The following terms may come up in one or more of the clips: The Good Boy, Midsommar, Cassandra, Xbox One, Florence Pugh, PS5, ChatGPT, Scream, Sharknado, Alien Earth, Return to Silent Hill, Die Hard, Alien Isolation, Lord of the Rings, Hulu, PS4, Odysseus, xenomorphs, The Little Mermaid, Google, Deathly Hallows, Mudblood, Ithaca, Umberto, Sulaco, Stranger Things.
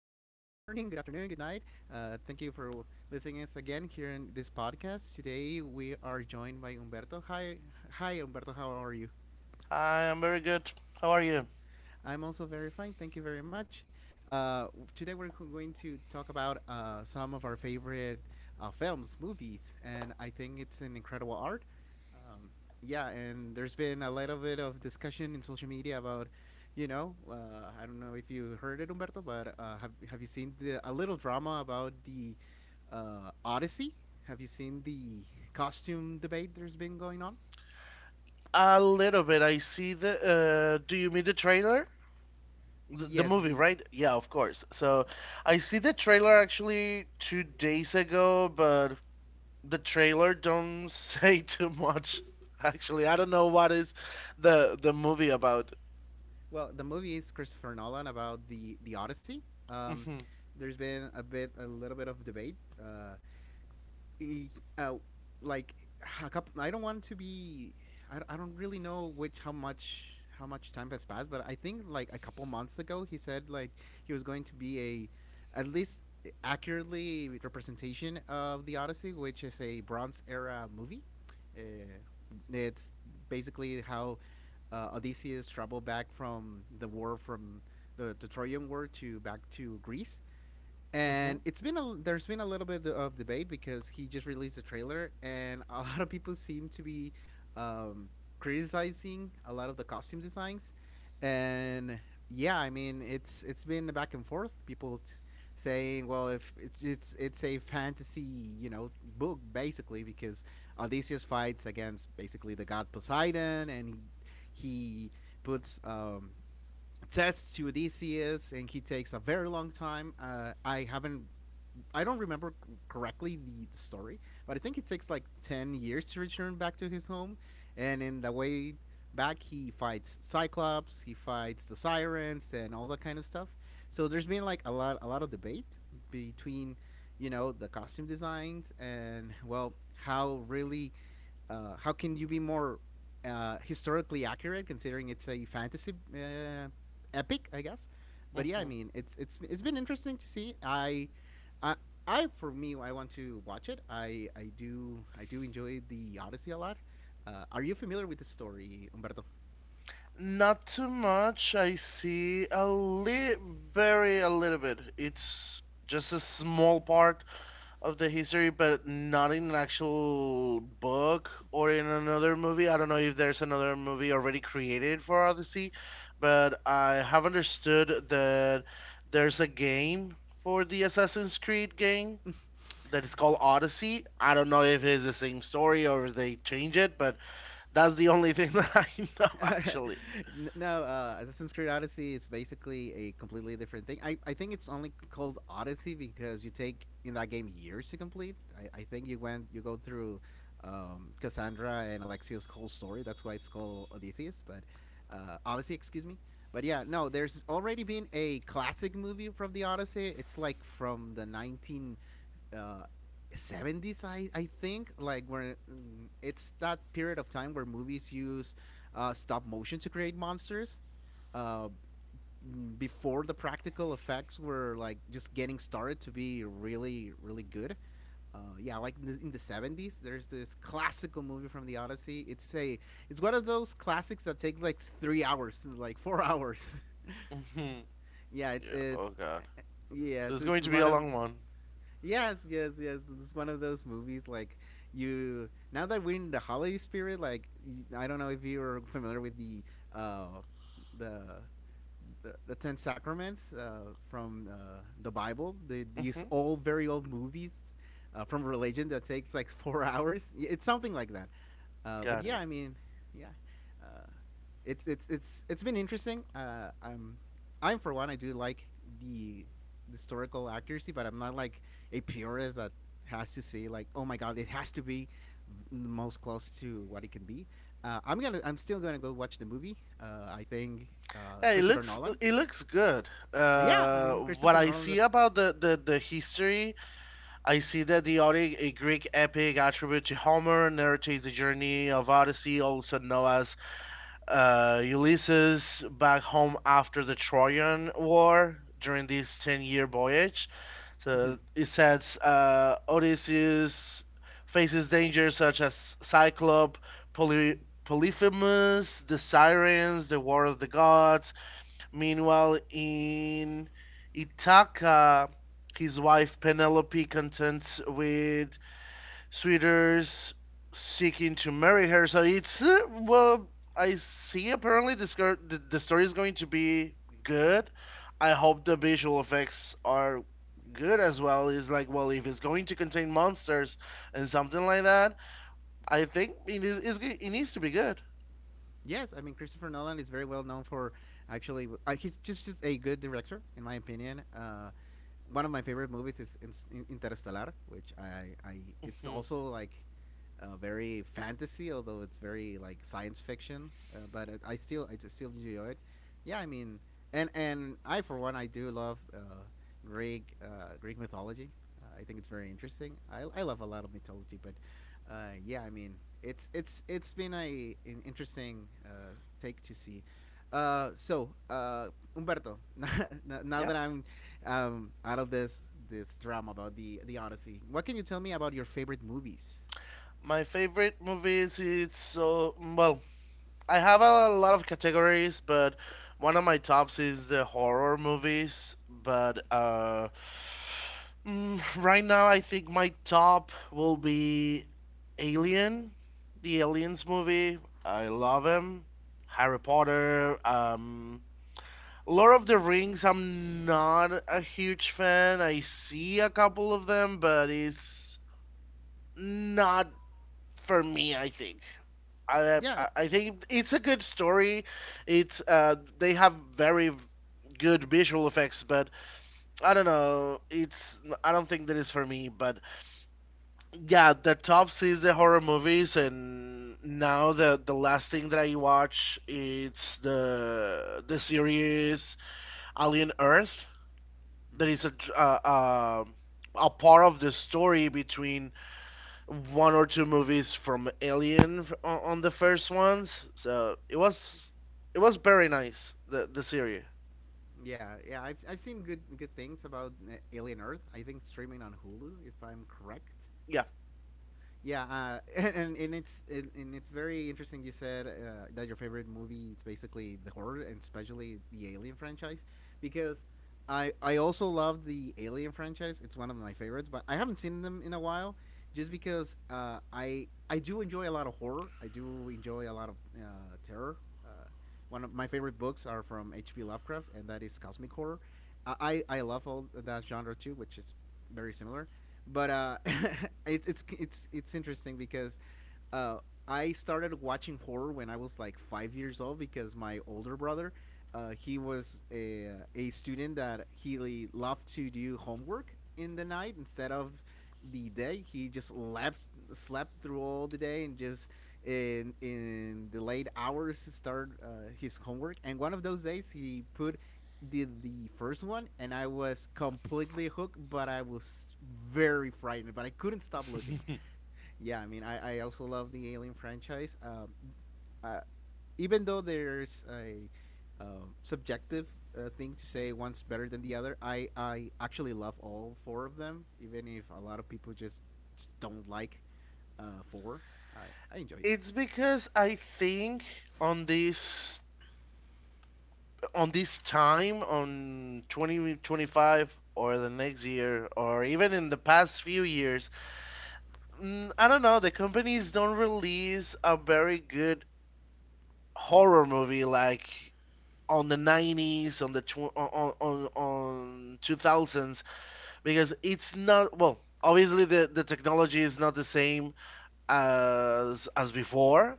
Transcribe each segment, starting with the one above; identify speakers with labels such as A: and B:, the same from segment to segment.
A: morning. Good afternoon. Good night. Thank you for listening us again here in this podcast. Today we are joined by Umberto. Hi, Umberto. How are you?
B: I am very good. How are you?
A: I'm also very fine. Thank you very much. Today we're going to talk about some of our favorite films, movies, and I think it's an incredible art. Um, yeah, and there's been a little bit of discussion in social media about, I don't know if you heard it, Humberto, but have you seen a little drama about the Odyssey? Have you seen the costume debate there's been going on?
B: A little bit. I see the. Do you mean the trailer? The
A: Yes,
B: movie,
A: the.
B: right? Yeah, of course. So I see the trailer actually 2 days ago, but the trailer don't say too much. Actually, I don't know what is the movie about.
A: Well, the movie is Christopher Nolan about the Odyssey. Um,
B: Hmm.
A: there's been a little bit of debate. Y- uh, like a couple, I don't want to be. I don't really know which how much time has passed, but I think like a couple months ago he said like he was going to be a at least accurately representation of the Odyssey, which is a Bronze Era movie. Uh, it's basically how Odysseus traveled back from the war from the Trojan War to back to Greece,
B: Hmm.
A: and it's been a there's been a little bit of debate because he just released a trailer, and a lot of people seem to be um, criticizing a lot of the costume designs, and yeah, I mean it's been a back and forth. Saying, well, if it's a fantasy, you know, book basically because Odysseus fights against basically the god Poseidon, and he puts tests to Odysseus, and he takes a very long time. I don't remember correctly the story, but I think it takes like 10 years to return back to his home. And in the way back, he fights Cyclops, he fights the Sirens, and all that kind of stuff. So there's been like a lot of debate between, you know, the costume designs, and well, how really, how can you be more historically accurate considering it's a fantasy epic, I guess. But yeah,
B: Hmm.
A: I mean, it's been interesting to see. I I for me, I want to watch it. I do enjoy the Odyssey a lot. Are you familiar with the story, Humberto?
B: Not too much. I see a li very a little bit. It's just a small part of the history, but not in an actual book or in another movie. I don't know if there's another movie already created for Odyssey, but I have understood that there's a game for the Assassin's Creed game that is called Odyssey. I don't know if it's the same story or if they change it, but that's the only thing that I know actually.
A: No, Assassin's Creed Odyssey is basically a completely different thing. I think it's only called Odyssey because you take in that game years to complete. I think you go through Cassandra and Alexios' whole story. That's why it's called Odysseus, but Odyssey, excuse me. But yeah, no, there's already been a classic movie from the Odyssey. It's like from the 19 uh, 70s, I think, like where it's that period of time where movies use stop motion to create monsters, uh, before the practical effects were like just getting started to be really good. Yeah, like in in the 70s there's this classical movie from the Odyssey. It's a, it's one of those classics that take like 3 hours, like 4 hours.
B: Hmm.
A: Yeah,
B: Yeah. Oh God. So it's going
A: it's
B: to be a
A: one of.
B: long one.
A: Yes, yes, yes. It's one of those movies like you now that we're in the holiday spirit, like I don't know if you're familiar with the uh the the 10 sacraments from the Bible. These
B: Hmm.
A: old, very old movies from religion that takes like 4 hours. It's something like that. But
B: Got
A: yeah,
B: it.
A: I mean, yeah, uh, it's been interesting. I'm for one, I do like the the historical accuracy, but I'm not like a purist that has to say like, oh my god, it has to be most close to what it can be. I'm gonna, I'm still gonna go watch the movie. I think
B: Yeah, it
A: Christopher
B: looks
A: Nolan.
B: it looks good.
A: Yeah, I
B: Uh,
A: mean
B: what
A: Christopher
B: I
A: Nolan
B: see
A: does.
B: about the history, I see that the Odyssey, a Greek epic attributed to Homer, narrates the journey of Odyssey, also known as Ulysses, back home after the Trojan War during this 10-year voyage. So it says Odysseus faces dangers such as Cyclop, Polyphemus, the Sirens, the War of the Gods. Meanwhile, in Ithaca, his wife Penelope contends with suitors seeking to marry her. So it's well, I see. Apparently, this girl, the story is going to be good. I hope the visual effects are good as well. It's like, well, if it's going to contain monsters and something like that, I think it is. It needs to be good.
A: Yes, I mean Christopher Nolan is very well known for actually just a good director in my opinion. One of my favorite movies Interstellar, which I it's
B: Hmm.
A: also like very fantasy, although it's very like science fiction. But it, I still, I just still enjoy it. Yeah, I mean, and I for one I do love Greek mythology. I think it's very interesting. I love a lot of mythology, but yeah, I mean, it's been a an interesting take to see. So, Umberto, now
B: Yep.
A: that I'm out of this drama about the Odyssey, what can you tell me about your favorite movies?
B: My favorite movies. It's so well. I have a lot of categories, but one of my tops is the horror movies. But right now, I think my top will be Alien, the Aliens movie. I love him. Harry Potter, Lord of the Rings. I'm not a huge fan. I see a couple of them, but it's not for me, I think. I
A: Yeah,
B: I I think it's a good story. It's they have very good visual effects, but I don't know. It's I don't think that is for me. But yeah, the top sees the horror movies, and now the last thing that I watch it's the series Alien Earth. There is a
A: hmm,
B: dr- uh, uh, a part of the story between one or two movies from Alien on the first ones. So it was very nice the series.
A: yeah, yeah. I've seen good things about Alien Earth. I think streaming on Hulu, if I'm correct.
B: Yeah,
A: Yeah, and it's very interesting. You said that your favorite movie it's basically the horror and especially the Alien franchise, because I also love the Alien franchise. It's one of my favorites, but I haven't seen them in a while, just because I do enjoy a lot of horror. I do enjoy a lot of terror. Uh, One of my favorite books are from H.P. Lovecraft, and that is cosmic horror. I love all that genre too, which is very similar. But It's interesting because uh, I started watching horror when I was like 5 years old because my older brother, he was a student that he loved to do homework in the night instead of the day. He just slept through all the day and just in the late hours to start his homework. And one of those days, he put did the first one, and I was completely hooked. But I was very frightened, but I couldn't stop looking. Yeah, I mean, I also love the Alien franchise. Uh, Even though there's a subjective thing to say one's better than the other, I actually love all four of them, even if a lot of people just don't like four. I enjoy.
B: it's because I think on this on this time on 2025 or the next year or even in the past few years, I don't know, the companies don't release a very good horror movie like on the 90s on the tw- on 2000s because it's not well obviously the technology is not the same as before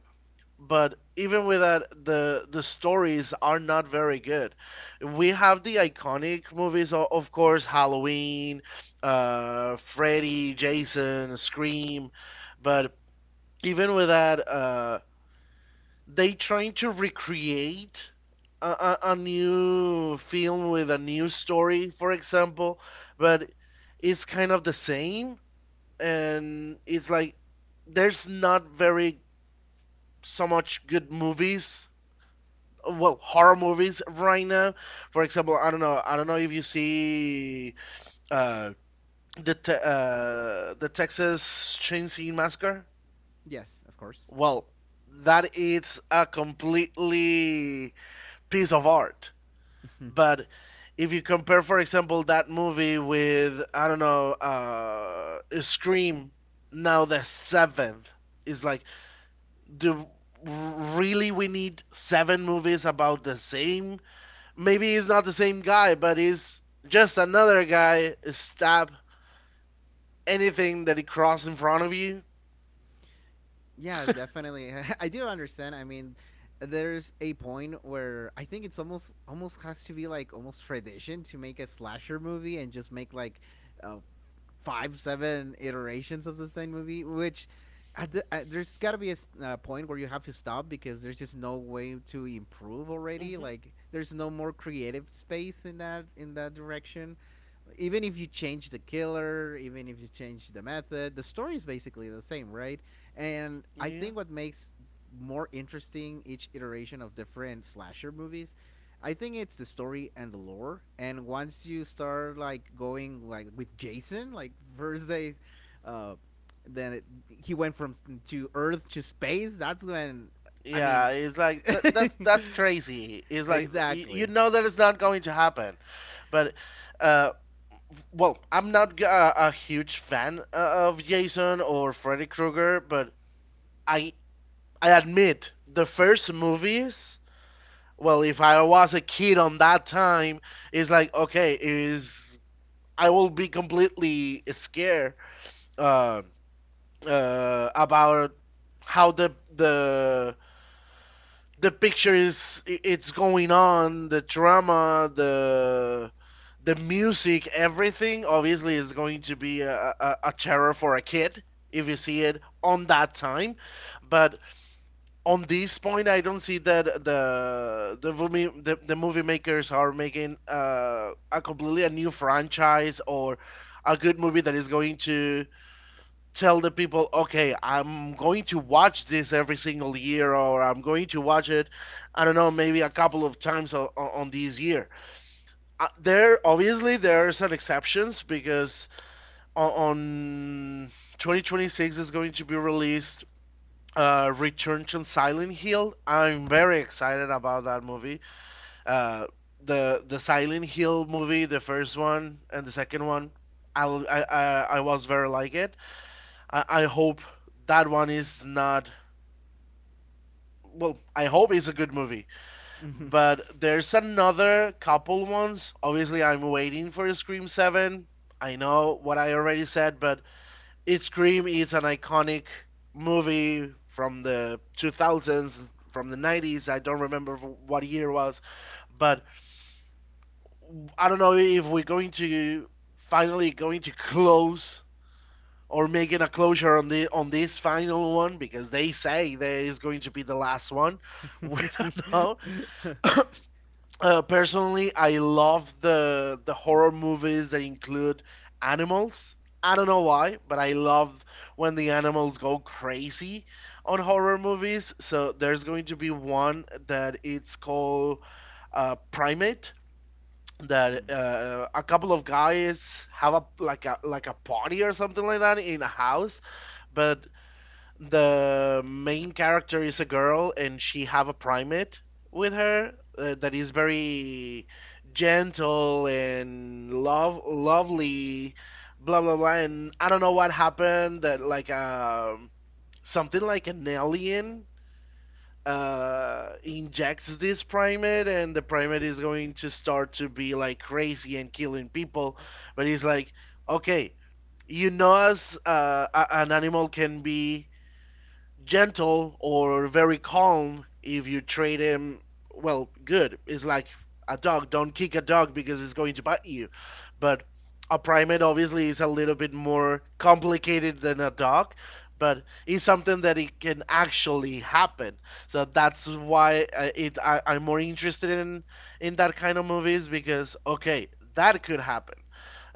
B: but even with that the stories are not very good we have the iconic movies of course Halloween Freddy Jason Scream but even with that they trying to recreate a new film with a new story, for example, but it's kind of the same, and it's like there's not very so much good movies, well, horror movies right now. For example, I don't know if you see uh, the Texas Chainsaw Massacre.
A: Yes, of course.
B: Well, that is a completely piece of art. But if you compare, for example, that movie with I don't know, Scream, now the seventh is like, do really we need seven movies about the same? Maybe it's not the same guy, but it's just another guy stab anything that he crossed in front of you.
A: Yeah, definitely. I do understand. I mean, there's a point where I think it's almost has to be like almost tradition to make a slasher movie and just make like uh, five, seven iterations of the same movie, which. There's got to be a point where you have to stop because there's just no way to improve already.
B: Hmm.
A: Like there's no more creative space in that direction. Even if you change the killer, even if you change the method, the story is basically the same, right? And I
B: Yeah.
A: think what makes more interesting each iteration of different slasher movies, I think it's the story and the lore. And once you start like going like with Jason, like first they, uh, then it, he went from to Earth to space. That's when, I
B: Yeah,
A: mean,
B: it's like that, that's crazy. It's like you
A: exactly.
B: know that it's not going to happen, but uh, well, I'm not a huge fan of Jason or Freddy Krueger, but I I admit the first movies. Well, if I was a kid on that time, it's like okay, is I will be completely scared uh, about how the picture is it's going on the drama the music everything obviously is going to be a terror for a kid if you see it on that time but on this point I don't see that the movie makers are making a completely a new franchise or a good movie that is going to tell the people, okay, I'm going to watch this every single year, or I'm going to watch it, I don't know, maybe a couple of times on this year. There, obviously, there are some exceptions because on 2026 is going to be released. Return to Silent Hill. I'm very excited about that movie. Uh, the Silent Hill movie, the first one and the second one, I I I, I was very like it. I hope that one is not. Well, I hope it's a good movie, but there's another couple ones. Obviously, I'm waiting for Scream 7. I know what I already said, but it's Scream. It's an iconic movie from the 2000s, from the 90s. I don't remember what year it was, but I don't know if we're going to finally going to close or making a closure on the on this final one because they say that it's going to be the last one. We don't
A: Mm.
B: know. Personally, I love the horror movies that include animals. I don't know why, but I love when the animals go crazy on horror movies. So there's going to be one that it's called Primate, that a couple of guys have a party or something like that in a house, but the main character is a girl and she have a primate with her that is very gentle and lovely, blah blah blah. And I don't know what happened that like something like an alien injects this primate, and the primate is going to start to be like crazy and killing people. But he's like, okay, as an animal can be gentle or very calm if you treat him well good it's like a dog don't kick a dog because it's going to bite you but a primate obviously is a little bit more complicated than a dog but it's something that it can actually happen so that's why I'm more interested in that kind of movies because okay that could happen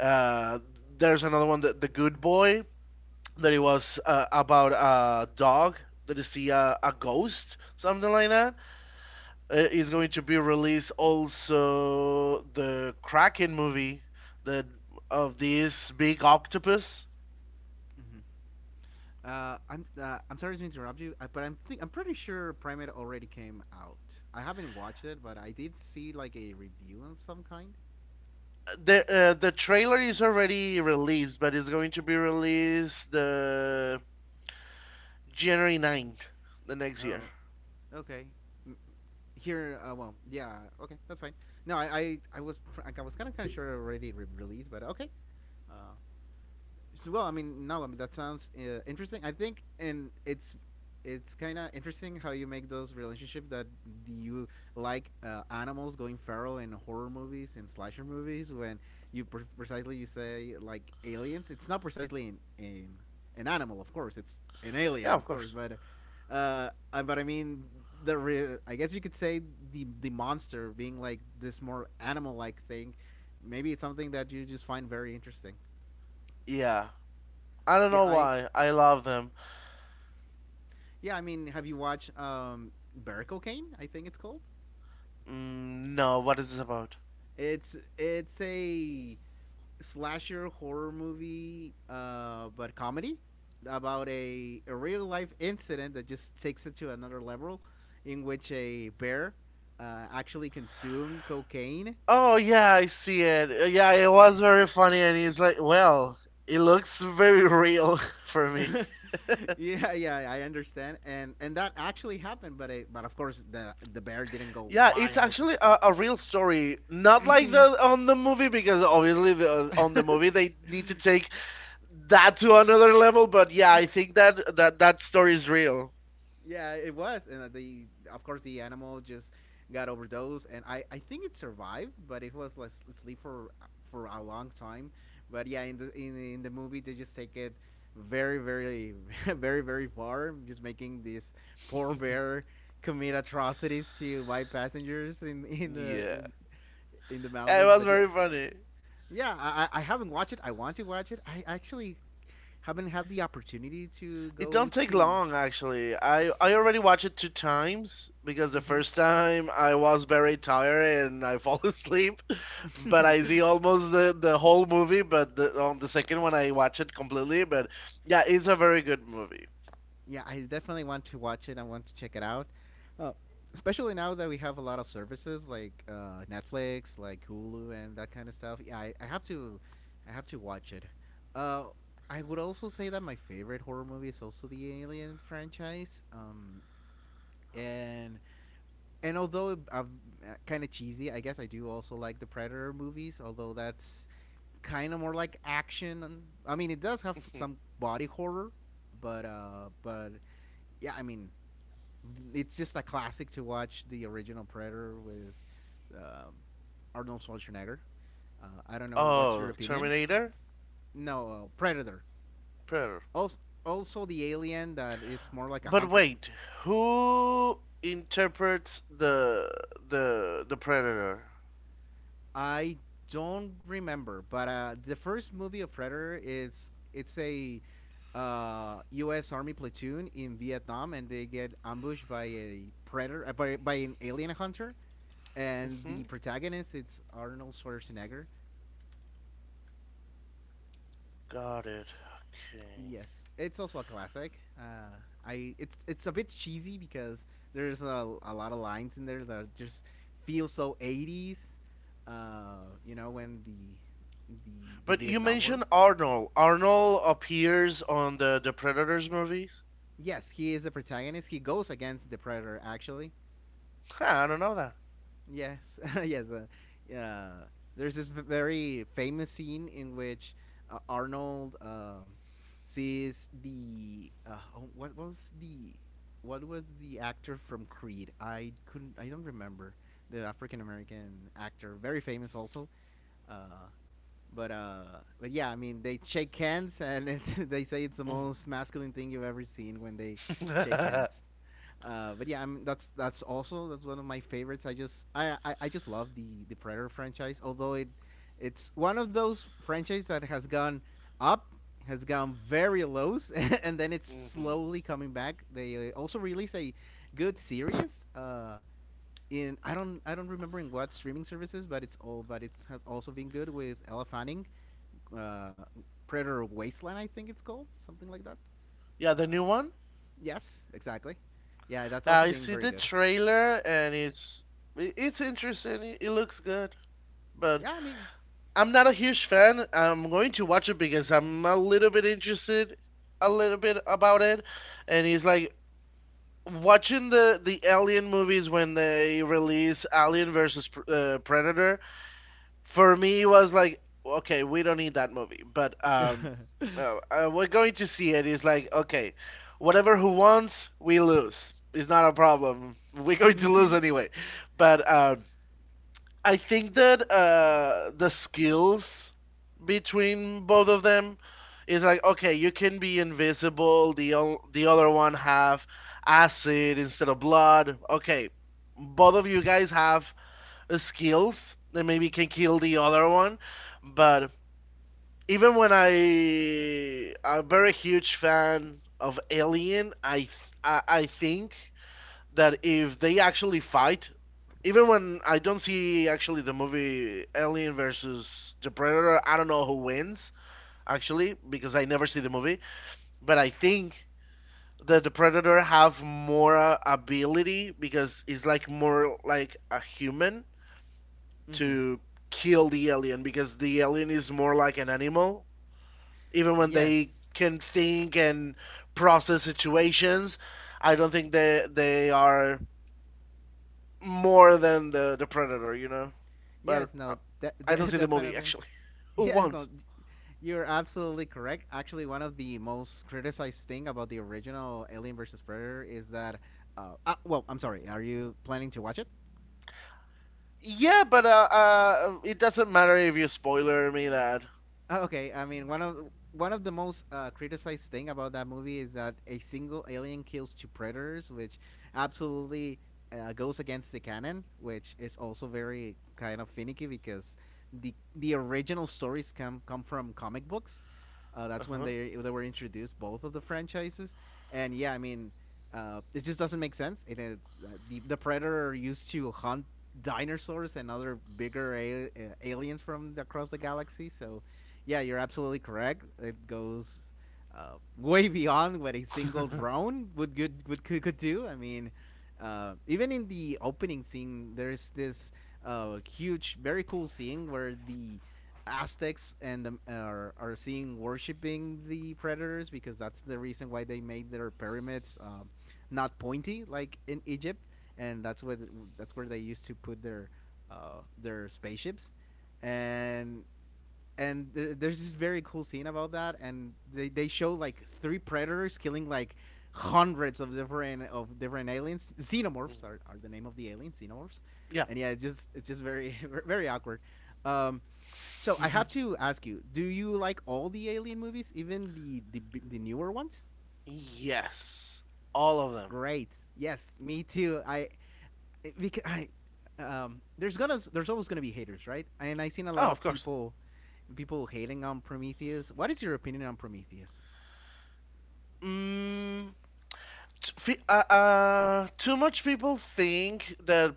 B: uh there's another one that the good boy that it was about a dog that is see a ghost, something like that. It's going to be released also the Kraken movie the of this big octopus.
A: Mhm. I'm sorry to interrupt you, but I'm pretty sure Primate already came out. I haven't watched it, but I did see like a review of some kind.
B: The trailer is already released, but it's going to be released the January 9th, the next year.
A: Oh, okay. M-. Here, well, yeah, okay, that's fine. No, I was I was kind of sure it already released, but okay. Uh, So, well, I mean, no, I mean, that sounds interesting, I think, and it's kind of interesting how you make those relationships that you like animals going feral in horror movies and slasher movies when you precisely you say like aliens it's not precisely in an animal, of course it's an
B: Yeah,
A: alien
B: of
A: of course,
B: course.
A: but I mean I guess you could say the monster being like this more animal like thing, maybe it's something that you just find very interesting.
B: Yeah, I don't
A: yeah
B: know
A: i
B: why. I love them.
A: Yeah, I mean, have you watched Barricane, I think it's called?
B: Mm, no, what is this about?
A: It's a slasher horror movie, but comedy, about a real life incident that just takes it to another level, in which a bear actually consumed cocaine.
B: Oh yeah, I see it. Yeah, it was very funny, and he's like, "Well, it looks very real for me."
A: Yeah, yeah, I understand, and that actually happened, but it, but of course the bear didn't go
B: Yeah, it's
A: wild.
B: actually a real story, not like
A: Hmm.
B: the on the movie because obviously the, on the movie they need to take that to another level. But yeah, I think that that story is real.
A: Yeah, it was, and the of course the animal just got overdosed, and I think it survived, but it was like sleep for a long time. But yeah, in the in the movie they just take it very very very far, just making this poor bear commit atrocities to white passengers in
B: Yeah,
A: in the
B: Yeah, it was
A: mountains. But
B: very
A: yeah,
B: funny.
A: yeah, I haven't watched it. I want to watch it. I actually haven't had the opportunity to
B: It
A: go
B: don't take
A: to.
B: long actually. I already watched it two times because the first time I was very tired and I fall asleep. But I
A: Hmm
B: see almost the whole movie, but on the second one I watch it completely. But yeah, it's a very good movie.
A: Yeah, I definitely want to watch it. I want to check it out, uh, especially now that we have a lot of services like Netflix, like Hulu, and that kind of stuff. Yeah, I have to, I have to watch it. Uh, I would also say that my favorite horror movie is also the Alien franchise. And and although I'm kind of cheesy, I guess I do also like the Predator movies. Although that's kind of more like action. I mean, it does have some body horror, but yeah, I mean, it's just a classic to watch the original Predator with um, Arnold Schwarzenegger. I don't know what's
B: Oh,
A: your opinion.
B: Terminator.
A: No, Predator.
B: Predator.
A: Also, also the Alien that it's more like a
B: But
A: hunter.
B: wait, who interprets the Predator?
A: I don't remember, but the first movie of Predator is it's a U.S. Army platoon in Vietnam, and they get ambushed by a predator, by an alien hunter. And
B: Hmm.
A: the protagonist, it's Arnold Schwarzenegger.
B: Got it. Okay.
A: Yes, it's also a classic. I it's a bit cheesy because there's a lot of lines in there that just feel so 80s. You know when the the
B: But
A: the
B: you
A: Vietnam
B: mentioned
A: War.
B: Arnold. Arnold appears on the Predators movies.
A: Yes, he is the protagonist. He goes against the Predator actually.
B: Huh, I don't know
A: Yes, yes. Yeah. There's this very famous scene in which Arnold sees the oh, what was the actor from Creed? I couldn't. I don't remember the African American actor, very famous also. Uh, but uh, but yeah, I mean they shake hands and it's, they say it's the
B: that.
A: most masculine thing you've ever seen when they shake
B: Mm.
A: hands. But yeah, I mean, that's also that's one of my favorites. I just love the Predator franchise. Although it's one of those franchise that has gone up, has gone very lows, and then it's
B: Mhm.
A: slowly coming back. They also released a good series. In I don't remember in what streaming services, but it's all but it has also been good with Ella Fanning, uh, Predator Wasteland, I think it's called something like that.
B: Yeah, the
A: Uh,
B: new one.
A: yes, exactly. Yeah, that's also
B: I
A: been
B: see
A: very
B: the
A: good.
B: trailer and it's interesting. It looks good, but
A: Yeah, I mean,
B: I'm not a huge fan. I'm going to watch it because I'm a little bit interested, a little bit about it. And it's like watching the Alien movies when they release Alien versus Predator for me was like okay we don't need that movie but
A: mm-hmm,
B: we're going to see it is like okay whatever who wants we lose it's not a problem we're going to lose
A: mm-hmm.
B: anyway but I think that the skills between both of them is like okay you can be invisible the other one have acid instead of blood okay both of you guys have skills that maybe can kill the other one. But even when I'm very huge fan of Alien, I think that if they actually fight, even when I don't see actually the movie Alien versus the Predator, I don't know who wins actually because I never see the movie. But I think that the Predator have more ability because it's like more like a human to kill the alien because the alien is more like an animal. Even when they
A: Yes,
B: can think and process situations, I don't think they are more than the predator. But
A: yes,
B: I-
A: no,
B: I don't see the movie
A: definitely.
B: actually. Who
A: Yes,
B: wants?
A: no, you're absolutely correct. Actually, one of the most criticized thing about the original Alien versus Predator is that. Well, I'm sorry. Are you planning to watch it?
B: Yeah, but it doesn't matter if you spoiler me that.
A: Oh, okay, I mean one of the most criticized thing about that movie is that a single alien kills two predators, which absolutely goes against the canon, which is also very kind of finicky because the original stories come from comic books. That's when
B: Uh
A: they were introduced both of the franchises, and yeah, I mean it just doesn't make sense. It is the predator used to hunt dinosaurs and other bigger aliens from across the galaxy, so yeah, you're absolutely correct. It goes way beyond what a single
B: huh.
A: drone would good would could do. I mean, even in the opening scene, there's this huge, very cool scene where the Aztecs are seeing worshiping the predators because that's the reason why they made their pyramids not pointy like in Egypt, and that's what that's where they used to put their spaceships, and and there's this very cool scene about that and they show like three predators killing like hundreds of different aliens xenomorphs are the name of the aliens xenomorphs
B: Yeah.
A: and yeah it's just very very awkward um so I have to ask you, do you like all the alien movies, even the newer ones?
B: Yes, all of them.
A: Great, yes, me too. Because I, there's gonna there's always gonna be haters, right? And I seen a
B: Oh,
A: lot
B: of
A: of
B: course.
A: people, people hating on Prometheus. What is your opinion on Prometheus?
B: Mm, too much people think that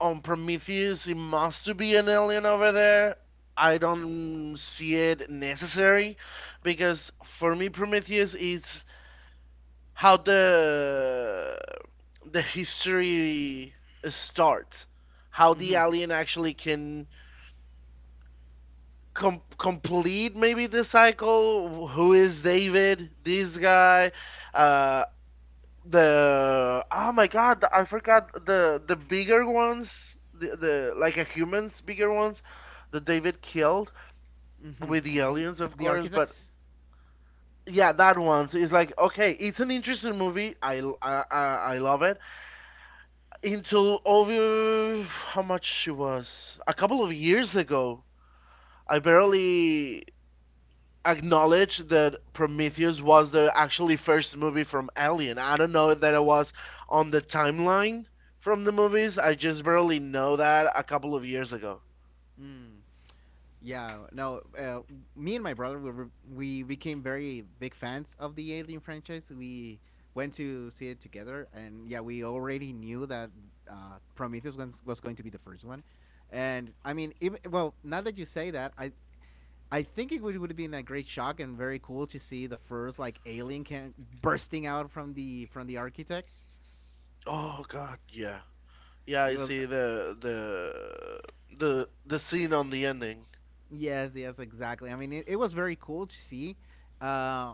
B: on Prometheus it must be an alien over there. I don't see it necessary because for me Prometheus is how the history starts, how the
A: Mm-hmm.
B: alien actually can complete maybe the cycle. Who is David? This guy. Uh, the oh my god, I forgot the bigger ones, the like a humans bigger ones that David killed
A: Mm-hmm.
B: with the
A: The
B: aliens, of
A: the
B: course. But
A: architects.
B: yeah, that one is like okay, it's an interesting movie. I love it. Until over how much it was a couple of years ago, I barely acknowledge that Prometheus was the actually first movie from Alien. I don't know that it was on the timeline from the movies. I just barely know that a couple of years ago.
A: Mm. Yeah, no. Me and my brother we became very big fans of the Alien franchise. We went to see it together, and yeah, we already knew that Prometheus was going to be the first one. And I mean, even, well, now that you say that, I think it would have been that great shock and very cool to see the first like alien can bursting out from the architect.
B: Oh God, yeah, yeah. I
A: It was
B: see the scene on the ending.
A: yes, yes, exactly. I mean, it was very cool to see. Uh,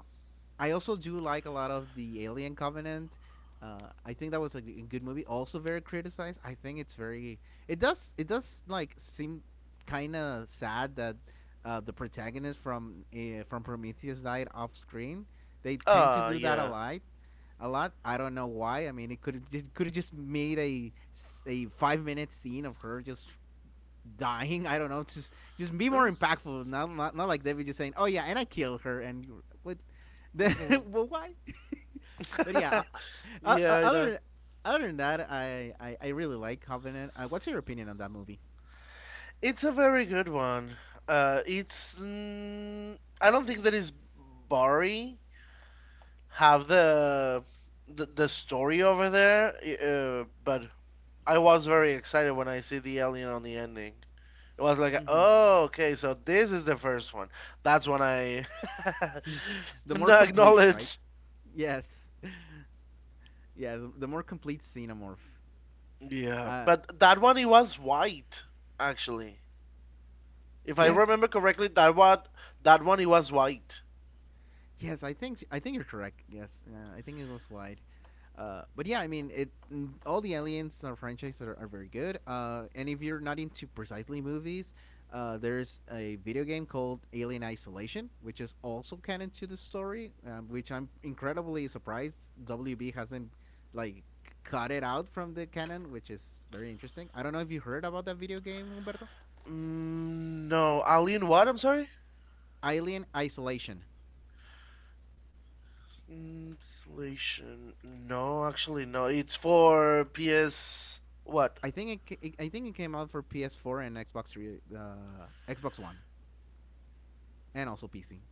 A: I also do like a lot of the Alien Covenant. I think that was a good movie. Also very criticized. I think it's very. It does. It does like seem kind of sad that the protagonist from Prometheus died off screen. They tend to
B: Ah,
A: do that a
B: yeah.
A: lot. A lot. I don't know why. I mean, it could have just made a 5 minute scene of her just dying. I don't know. Just be more impactful. Not like David just saying, "Oh yeah, and I killed her." And what? Then
B: Mhm.
A: well, why? But yeah. Uh, uh,
B: Yeah,
A: uh,
B: I know.
A: other other than that, I really like Covenant. What's your opinion on that movie?
B: It's a very good one. It's. Mm, I don't think that is Barry. Have the story over there, but I was very excited when I see the alien on the ending. It was like,
A: Mm-hmm.
B: oh, okay, so this is the first one. That's when I
A: The more complete, right?
B: acknowledge.
A: Yes. Yeah. The more complete xenomorph.
B: Yeah,
A: Uh,
B: but that one it was white actually. If I
A: yes.
B: remember correctly, that one it was white.
A: Yes, I think you're correct. Yes, I think it was wide. But yeah, I mean, it mm, all the aliens franchise are very good. And if you're not into precisely movies, there's a video game called Alien Isolation, which is also canon to the story, which I'm incredibly surprised WB hasn't like cut it out from the canon, which is very interesting. I don't know if you heard about that video game, Humberto.
B: Mm, no, alien what? I'm sorry.
A: Alien Isolation.
B: Translation. No, actually no. It's for PS what?
A: I think it, it I think it came out for PS4 and Xbox 3 Xbox One and also PC.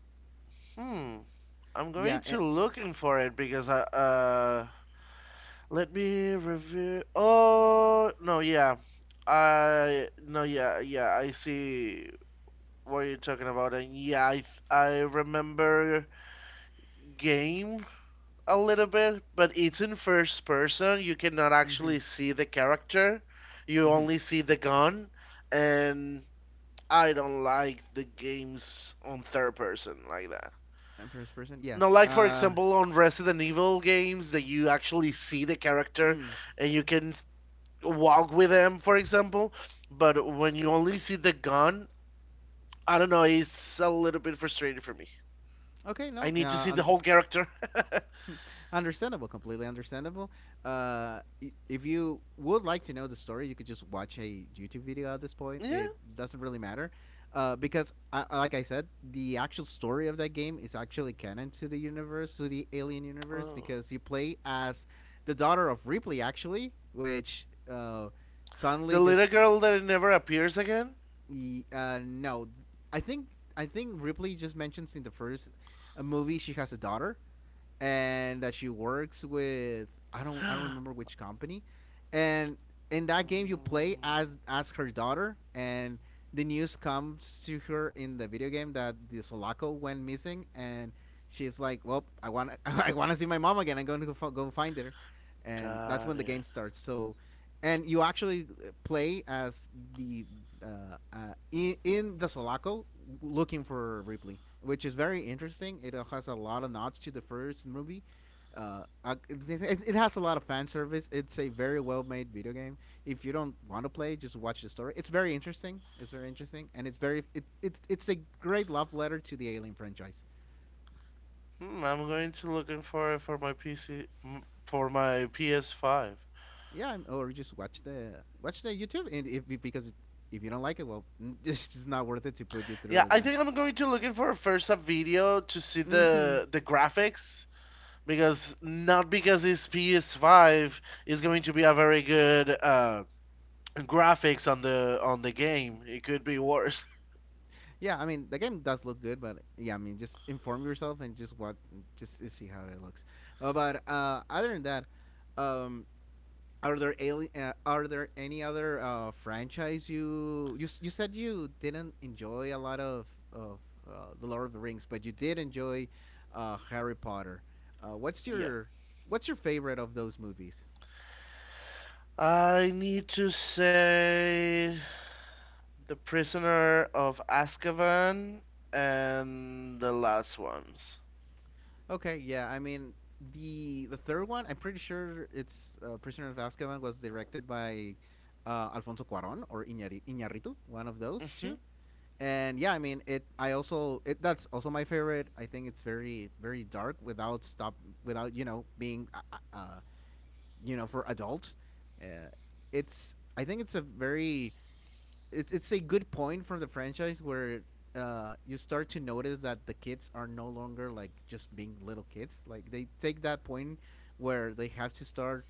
B: Hmm. I'm going
A: Yeah.
B: to
A: Eh,
B: looking for it because I let me review. Oh no, yeah. I no, yeah, yeah. I see what you're talking about, and yeah, I remember game a little bit, but it's in first person. You cannot
A: mhm.
B: actually see the character. You
A: Mhm.
B: only see the gun, and I don't like the games on third person like that.
A: And first person.
B: No,
A: Yes.
B: like for
A: Uh,
B: example, on Resident Evil games that you actually see the character
A: mm.
B: and you can walk with them, for example. But when you only see the gun, I don't know, it's a little bit frustrating for me.
A: Okay,
B: I
A: no.
B: need to see the whole character.
A: Understandable, completely understandable. If you would like to know the story, you could just watch a YouTube video at this point.
B: Yeah.
A: It doesn't really matter, because like I said, the actual story of that game is actually canon to the universe, to the Alien universe,
B: Oh.
A: because you play as the daughter of Ripley, actually, which suddenly
B: The
A: just
B: little girl that never appears again.
A: no, I think I think Ripley just mentions in the first movie she has a daughter, and that she works with I don't remember which company, and in that game you play
B: Mm,
A: as her daughter, and the news comes to her in the video game that the Sulaco went missing, and she's like, well, I want I want to see my mom again. I'm going to go, go find her, and that's
B: got
A: when the
B: it.
A: game starts. So and you actually play as the uh, uh, in the Sulaco looking for Ripley, which is very interesting. It has a lot of nods to the first movie. Uh, uh, it's- it has a lot of fan service. It's a very well made video game. If you don't want to play, just watch the story. It's very interesting. It's very interesting, and it's very it's a great love letter to the Alien franchise.
B: Hmm, I'm going to looking for it for my PC, for my PS5.
A: Yeah, or just watch the YouTube, and if because if you don't like it, well, it's just not worth it to put you
B: Yeah,
A: through
B: I
A: that.
B: think I'm going to looking for a first up video to see
A: Hmm
B: the graphics because not because it's PS5 is going to be a very good graphics on the game. It could be worse.
A: Yeah, I mean the game does look good, but yeah, I mean just inform yourself and just see how it looks. But other than that, um, are there are there any other franchise you said you didn't enjoy a lot of the Lord of the Rings, but you did enjoy Harry Potter. Uh, what's
B: Yeah.
A: your what's your favorite of those movies?
B: I need to say The Prisoner of Azkaban and the last ones.
A: Okay, yeah. I mean, the third one, I'm pretty sure it's Prisoner of Azkaban was directed by Alfonso Cuarón or Iñárritu, one of those two.
B: Hmm.
A: And yeah, I mean, it. I also it. That's also my favorite. I think it's very very dark without stop without you know being you know for adults. Uh, it's I think it's a very it's a good point from the franchise where you start to notice that the kids are no longer like just being little kids. Like they take that point where they have to start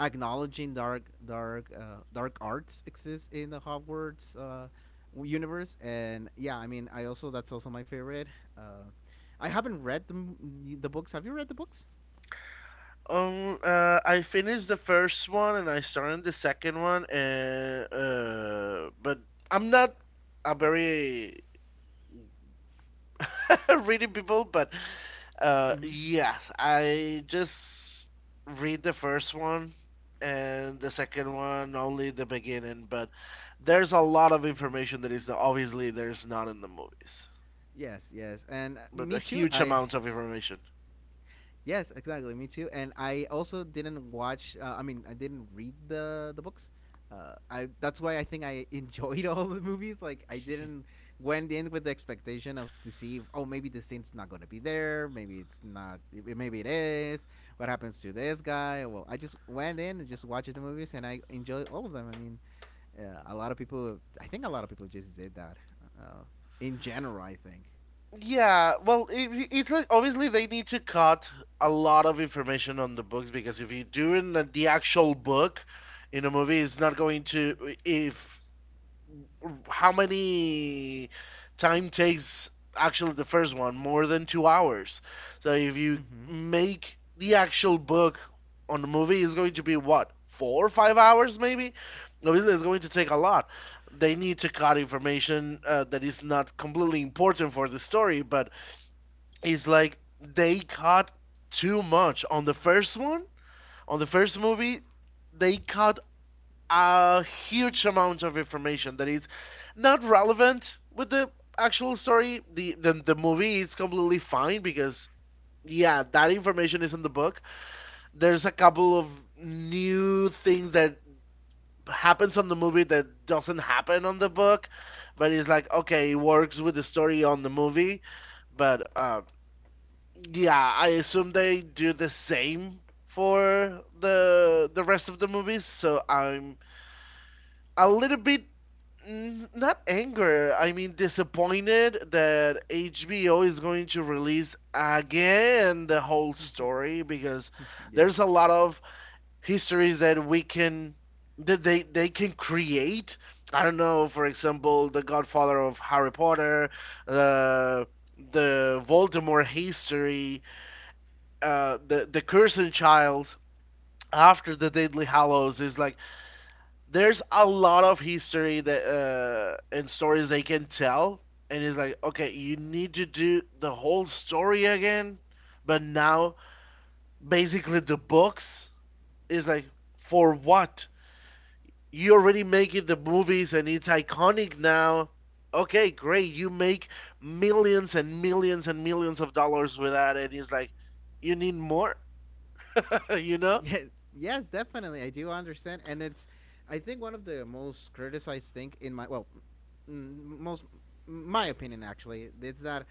A: acknowledging dark arts exist in the Hogwarts universe. And yeah, I mean, I also that's also my favorite. Uh, I haven't read the books. Have you read the books?
B: I finished the first one and I started the second one, and but I'm not a very reading people, but
A: Mm-hmm.
B: yes, I just read the first one and the second one only the beginning, but there's a lot of information that is obviously there's not in the movies,
A: Yes, yes, and
B: but a
A: me too.
B: huge
A: I
B: amount of information.
A: Yes, exactly. Me too. And I also didn't watch. I mean, I didn't read the books. I that's why I think I enjoyed all the movies. Like I didn't went in with the expectation to see. If, oh, maybe the scene's not gonna be there. Maybe it's not. Maybe it is. What happens to this guy? Well, I just went in and just watched the movies, and I enjoyed all of them. I mean, a lot of people. I think a lot of people just did that. Uh, in general, I think.
B: Yeah, well, it's like obviously they need to cut a lot of information on the books because if you're doing the actual book in a movie, it's not going to if how many time takes actually the first one more than 2 hours. So if you
A: Hmm.
B: make the actual book on the movie, it's going to be what 4 or 5 hours maybe. Obviously, it's going to take a lot. They need to cut information that is not completely important for the story, but is like they cut too much on the first one on the first movie they cut a huge amount of information that is not relevant with the actual story the movie is completely fine because yeah that information is in the book. There's a couple of new things that happens on the movie that doesn't happen on the book, but it's like okay it works with the story on the movie, but yeah, I assume they do the same for the rest of the movies, so I'm a little bit mm, not anger, I mean disappointed that HBO is going to release again the whole story because there's a
A: Yes.
B: lot of histories that we can that they can create. I don't know, for example, the Godfather of Harry Potter, the the Voldemort history, the cursed child after the Deadly Hallows is like there's a lot of history that and stories they can tell, and it's like okay, you need to do the whole story again, but now basically the books is like for what you already make it the movies and it's iconic now. Okay, great, you make millions and millions and millions of dollars with that, and it's like you need more, you know?
A: Yeah, yes, definitely. I do understand, and it's I think one of the most criticized thing in my well, m- most my opinion actually is that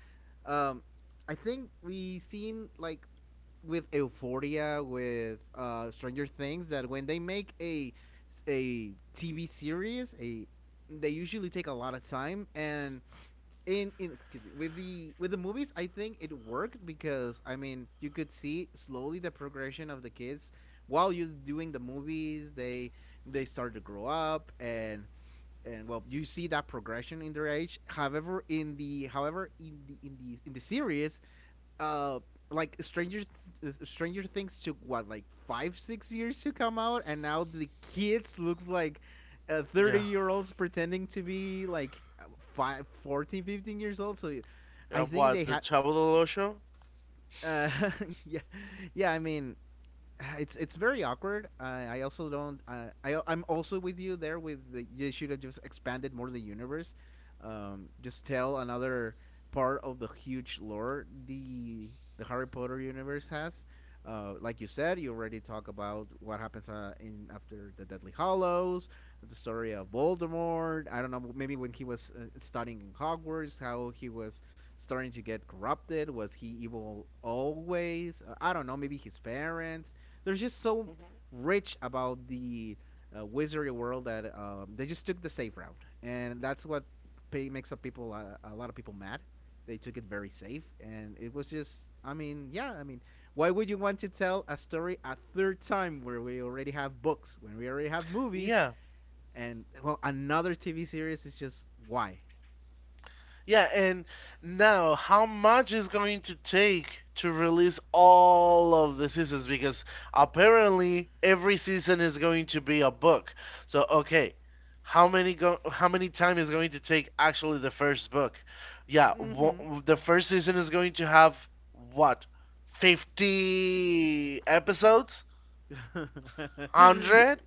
A: um, I think we seen like with Euphoria, with Stranger Things, that when they make a TV series, a they usually take a lot of time and in excuse me with the movies. I think it worked because I mean you could see slowly the progression of the kids while you're doing the movies. They start to grow up, and well, you see that progression in their age. However in the however in the series uh like Stranger Things took what like 5 6 years to come out, and now the kids looks like thirty
B: Yeah.
A: year olds pretending to be like 5 14 15 years old. So I think
B: What, the
A: they had
B: Chavo del Ocho?
A: uh yeah, yeah, I mean it's very awkward. I also don't. I'm also with you there. You should have just expanded more the universe. Just tell another part of the huge lore the Harry Potter universe has. Like you said, you already talk about what happens in after the Deadly Hallows. The story of Voldemort. I don't know, maybe when he was studying in Hogwarts, how he was starting to get corrupted. Was he evil always? I don't know. Maybe his parents. There's just so
B: Hmm.
A: rich about the wizardry world that they just took the safe route, and that's what makes up people a lot of people mad. They took it very safe, and it was just. I mean, yeah. I mean, why would you want to tell a story a third time where we already have books, when we already have movies,
B: Yeah.
A: and well, another TV series is just why.
B: Yeah, and now how much is going to take to release all of the seasons? Because apparently every season is going to be a book. So okay, how many time is going to take actually the first book? Yeah,
A: Mm-hmm.
B: the first season is going to have what? 50 episodes? 100?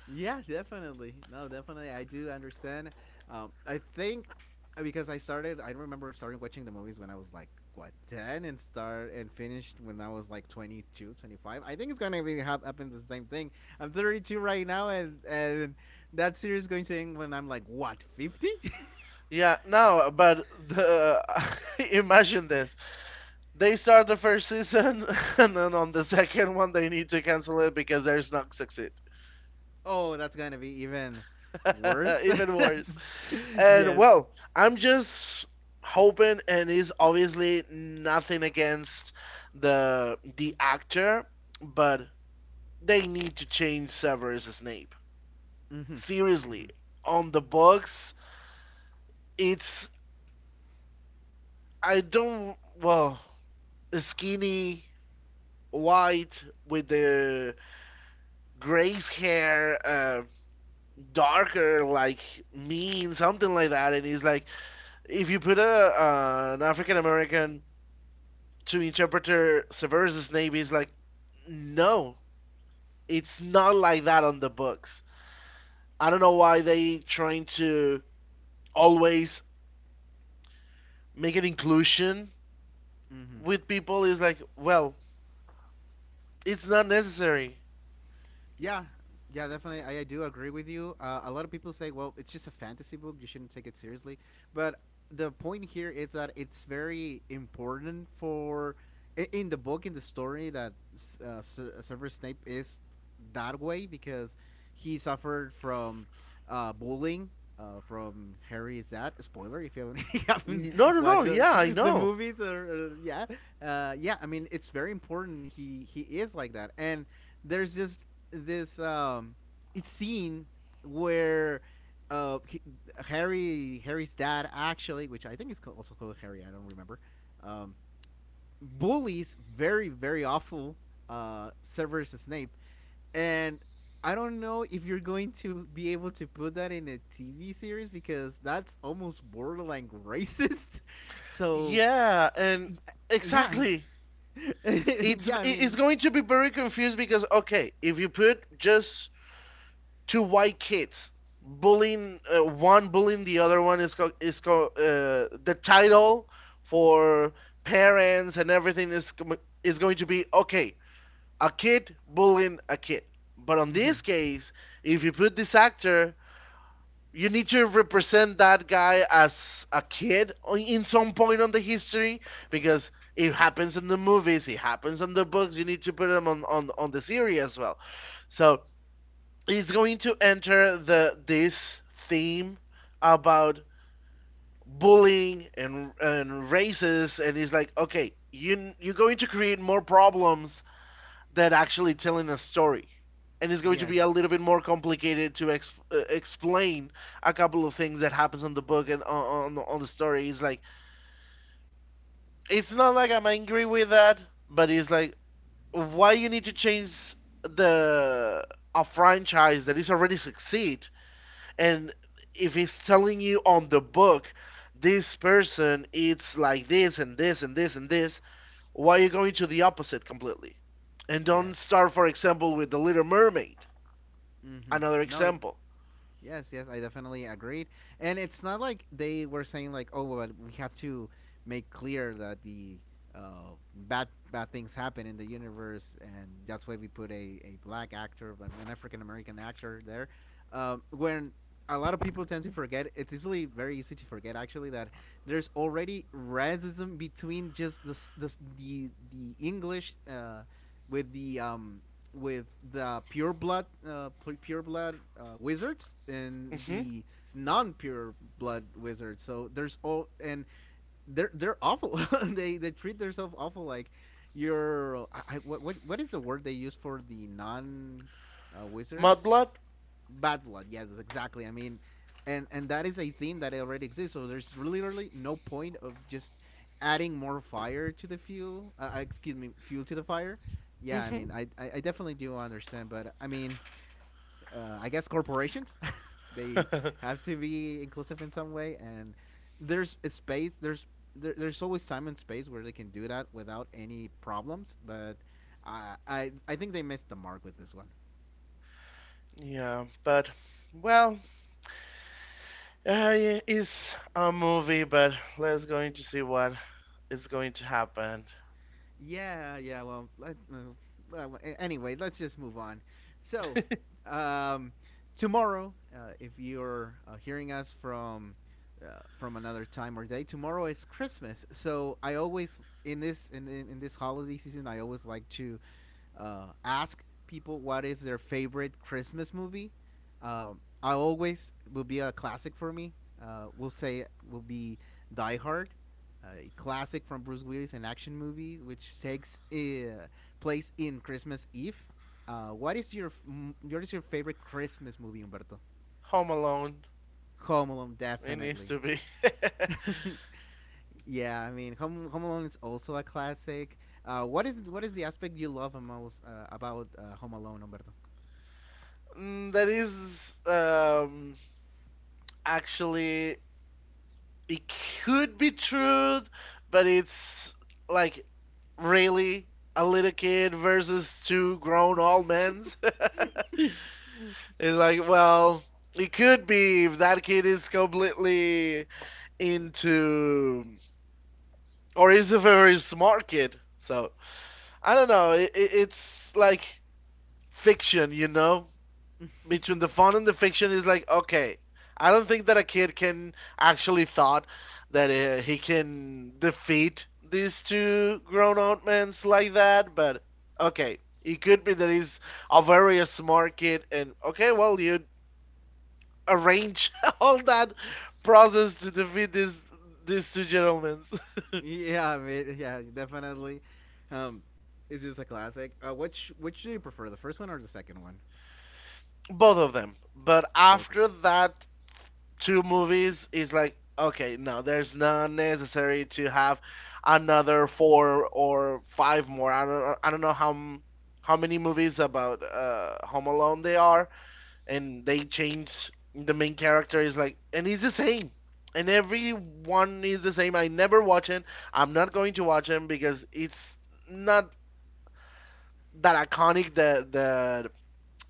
A: Yeah, definitely. No, definitely. I do understand. I think because I remember starting watching the movies when I was like what 10 and start and finished when I was like 22, 25. I think it's going to be happen the same thing. I'm 32 right now, and that series is going to end when I'm like what 50?
B: Yeah, no, but the imagine this. They start the first season, and then on the second one, they need to cancel it because there's not succeed.
A: Oh, that's going to be even worse.
B: Even worse.
A: That's,
B: And
A: yes.
B: well, I'm just hoping, and it's obviously nothing against the actor, but they need to change Severus Snape.
A: Mhm. Mhm.
B: Seriously, on the books, it's I don't well skinny white with the grace hair. Darker, like mean, something like that. And he's like, if you put a an African American to interpreter Severus Snape, he's like, no, it's not like that on the books. I don't know why they trying to always make an inclusion
A: Mhm.
B: with people. Is like, well, it's not necessary.
A: Yeah, yeah, definitely. I do agree with you. A lot of people say, well, it's just a fantasy book. You shouldn't take it seriously. But the point here is that it's very important for I- in the book in the story that Severus Snape is that way because he suffered from Bowling from Harry. Is that spoiler if you haven't, you haven't
B: No, no, no.
A: watched
B: Yeah, I
A: the
B: know.
A: movies or yeah yeah, I mean it's very important he is like that. And there's just this it's scene where uh, he, Harry's dad actually, which I think is also called Harry, I don't remember, um, bullies very very awful Severus Snape, and I don't know if you're going to be able to put that in a TV series because that's almost borderline racist. So
B: Yeah, and
A: yeah,
B: exactly.
A: yeah, I
B: It's
A: mean,
B: going to be very confused because okay, if you put just two white kids bullying one bullying the other one is the title for parents and everything is is going to be okay a kid bullying a kid, but on
A: hmm,
B: this case if you put this actor you need to represent that guy as a kid on- in some point on the history because it happens in the movies it happens in the books you need to put him on on the series as well, so is going to enter the this theme about bullying and races and he's like okay you you're going to create more problems than actually telling a story, and it's going to be
A: yes,
B: a little bit more complicated to explain a couple of things that happens on the book and on the story it's like it's not like I'm angry with that, but it's like why you need to change the a franchise that is already succeed, and if it's telling you on the book this person eats like this and this and this and this, why are you going to the opposite completely and don't
A: yes.
B: start for example with the little mermaid,
A: Hmm,
B: another
A: no.
B: example.
A: Yes, yes, I definitely agreed. And it's not like they were saying like, oh, but we have to make clear that the bad things happen in the universe, and that's why we put a black actor, but an African American actor there. When a lot of people tend to forget, it's easily very easy to forget actually that there's already racism between just the English with the um, with the pure blood wizards and
B: Mm-hmm.
A: the non pure blood wizards. So there's all and they're awful. They treat themselves awful. Like what is the word they use for the non wizards?
B: Mudblood.
A: Bad blood. Yes, exactly. I mean, and that is a theme that already exists. So there's literally no point of just adding more fire to the fuel. Excuse me, fuel to the fire. Yeah, I
B: Mm-hmm.
A: mean, I definitely do understand, but I mean, I guess corporations. They have to be inclusive in some way, and there's a space. There's always time and space where they can do that without any problems. But I think they missed the mark with this one.
B: Yeah, but well, yeah, it's a movie, but let's going to see what is going to happen.
A: Yeah, yeah. Well, anyway, let's just move on. So, um, tomorrow, if you're hearing us from another time or day, tomorrow is Christmas. So I always in this holiday season, I always like to ask people what is their favorite Christmas movie. I always will be a classic for me. We'll say will be Die Hard, a classic from Bruce Willis, an action movie which takes place in Christmas Eve. What is your favorite Christmas movie, Humberto?
B: Home alone.
A: Home Alone,
B: It needs to
A: definitely.
B: be
A: Yeah, I mean, Home Alone is also a classic. What is the aspect you love the most about Home Alone, Humberto?
B: that is actually it could be true, but it's like really a little kid versus two grown old men. It's like, well, it could be if that kid is completely into or is a very smart kid. So I don't know. It's like fiction, you know. Between the fun and the fiction is like, okay, I don't think that a kid can actually thought that he can defeat these two grown-out men like that, but okay, it could be that he's a very smart kid, and okay, well, you arrange all that process to defeat these two gentlemen.
A: Yeah, I mean, yeah, definitely. Um, it's just a classic. Which do you prefer, the first one or the second one?
B: Both of them, but
A: Both of
B: after
A: them.
B: that two movies is like, okay, no, there's not necessary to have another four or five more. I don't know how how many movies about Home Alone they are, and they change the main character is like, and he's the same, and every one is the same. I never watch it. I'm not going to watch him because it's not that iconic,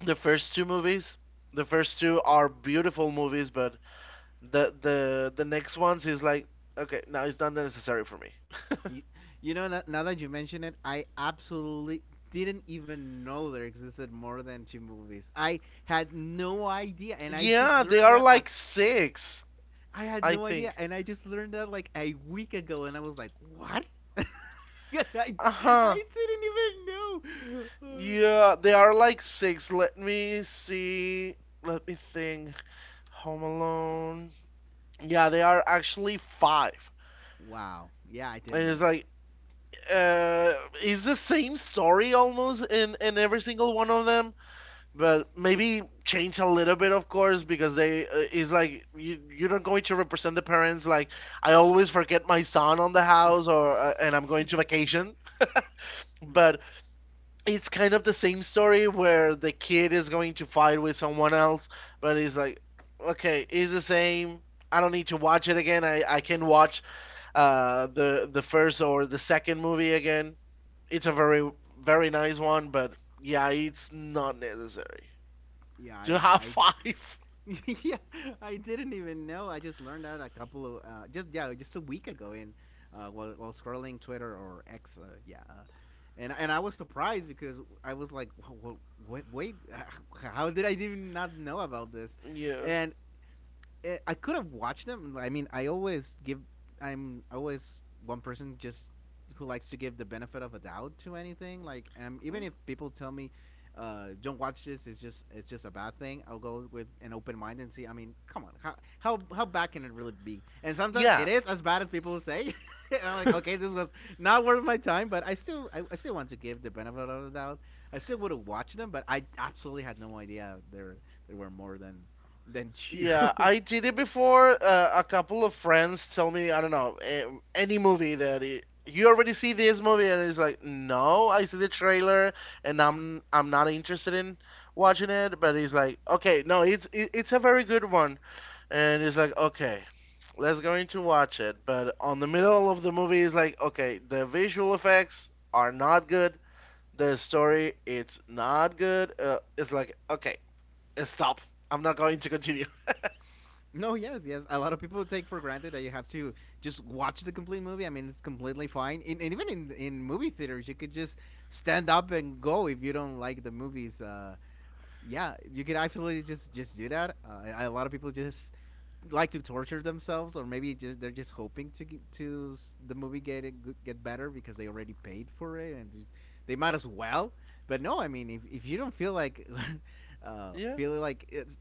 B: the first two movies. The first two are beautiful movies, but the next ones is like, okay, now it's not necessary for me.
A: You, you know, now, that you mention it, I absolutely didn't even know there existed more than two movies. I had no idea, and I just
B: Yeah, they
A: learned
B: are
A: that. I,
B: like six,
A: I had
B: I
A: no
B: think.
A: idea, and I just learned that like a week ago, and I was like, what? I,
B: Uh-huh.
A: I didn't even know.
B: Yeah, they are like six. Let me see. Let me think. Home Alone. Yeah, they are actually five.
A: Wow. Yeah, I
B: And
A: didn't
B: it's
A: know.
B: like uh it's the same story almost in every single one of them. But maybe change a little bit, of course, because they is like you you're not going to represent the parents like, I always forget my son on the house, or and I'm going to vacation. But it's kind of the same story where the kid is going to fight with someone else, but it's like, okay, it's the same. I don't need to watch it again. I can watch the first or the second movie again. It's a very, very nice one, but yeah, it's not necessary
A: Yeah,
B: to have
A: I
B: five.
A: yeah, I didn't even know. I just learned that a couple of just yeah, just a week ago in while scrolling Twitter or X. Yeah, and I was surprised because I was like, wait, wait, wait, how did I even not know about this?
B: Yeah.
A: And I could have watched them. I mean, I always give. I'm always one person just who likes to give the benefit of a doubt to anything. Like, even if people tell me, "Don't watch this," it's just a bad thing. I'll go with an open mind and see. I mean, come on, how bad can it really be? And sometimes
B: Yeah.
A: it is as bad as people say. And I'm like, okay, this was not worth my time, but I still want to give the benefit of the doubt. I still would have watched them, but I absolutely had no idea there were more than two.
B: Yeah, I did it before. A couple of friends told me, I don't know, any movie that it, you already see this movie, and it's like, no, I see the trailer, and I'm not interested in watching it. But it's like, okay, no, it's a very good one, and it's like, okay, let's going to watch it. But on the middle of the movie, it's like, okay, the visual effects are not good. The story, it's not good. It's like, okay, stop. I'm not going to continue.
A: No, yes, yes. A lot of people take for granted that you have to just watch the complete movie. I mean, it's completely fine. And even in movie theaters, you could just stand up and go if you don't like the movies. Yeah, you could actually just do that. A lot of people just like to torture themselves, or maybe just, they're just hoping to get, to s- the movie get better because they already paid for it and they might as well. But no, I mean, if you don't feel like
B: Yeah,
A: feel like it's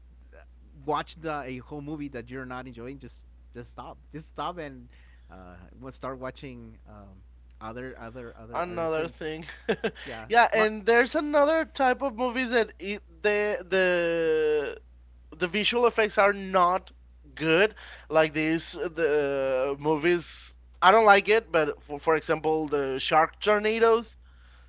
A: watch the a whole movie that you're not enjoying, just stop, and we'll start watching other
B: another
A: things.
B: thing.
A: Yeah,
B: Yeah,
A: Ma-
B: and there's another type of movies that it, the visual effects are not good. Like these the movies. I don't like it, but for example, the Shark Tornadoes.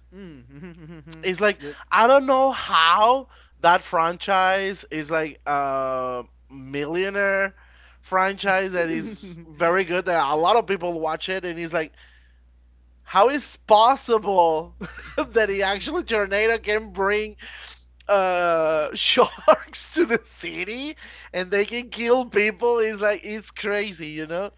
A: mm,
B: It's like, I don't know how that franchise is like a millionaire franchise that is very good, that a lot of people watch it, and it's like, how is possible that he actually tornado can bring sharks to the city and they can kill people? It's like it's crazy, you know?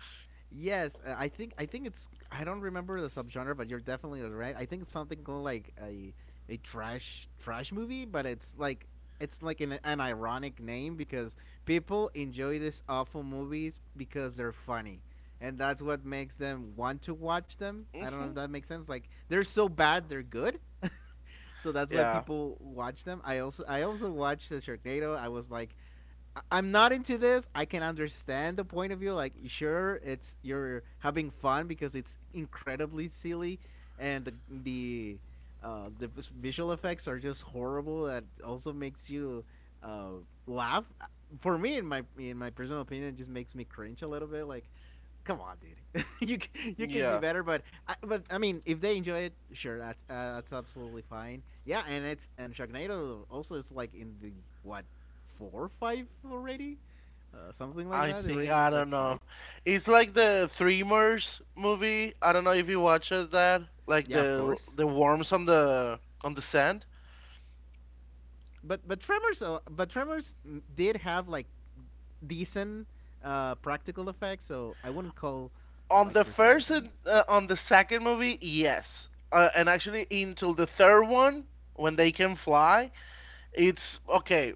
A: Yes, I think it's I don't remember the subgenre, but you're definitely right. I think it's something called like a trash movie, but it's like an ironic name because people enjoy these awful movies because they're funny, and that's what makes them want to watch them. I don't know
B: Hmm.
A: if that makes sense. Like they're so bad, they're good. So that's why
B: Yeah,
A: people watch them. I also watched the Sharknado. I was like, I'm not into this. I can understand the point of view. Like, sure, it's you're having fun because it's incredibly silly, and the visual effects are just horrible. That also makes you uh, laugh. For me, in my personal opinion, it just makes me cringe a little bit. Like, come on, dude. You could do
B: yeah.
A: better, but I mean, if they enjoy it, sure, that's absolutely fine. Yeah, and it's and Sharknado also is like in the what four or five already, something like
B: I
A: that. They
B: think
A: already
B: I
A: make like
B: don't know.
A: five.
B: It's like the Tremors movie. I don't know if you watched that. Like
A: Yeah, of
B: the
A: course.
B: worms on the sand.
A: But Tremors did have like decent practical effects, so I wouldn't call
B: On the
A: like
B: first and
A: precisely.
B: on the second movie, yes. And actually, until the third one, when they can fly, it's okay.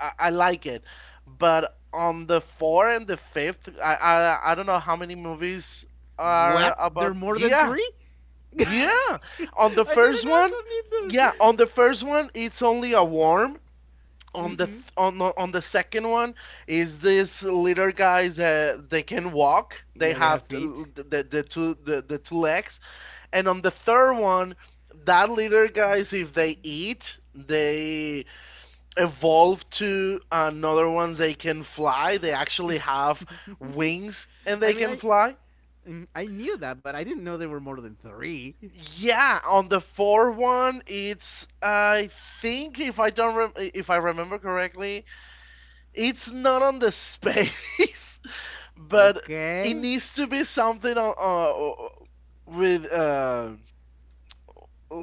B: I like it, but on the four and the fifth, I don't know how many movies are
A: What? There
B: about.
A: are more than
B: Yeah,
A: three? I
B: yeah. On
A: didn't
B: the first
A: also
B: one,
A: need them.
B: yeah. On the first one, it's only a worm. On the
A: Mm-hmm.
B: on the second one, is this little guys they can walk. They
A: Yeah, they
B: have
A: have feet.
B: the two legs, and on the third one, that little guys, if they eat, they evolve to another ones, they can fly. They actually have wings and they
A: I
B: can
A: mean,
B: fly.
A: I knew that, but I didn't know there were more than three.
B: Yeah, on the four one, it's, I think, if I don't if I remember correctly, it's not on the space, but it
A: Okay.
B: needs to be something on with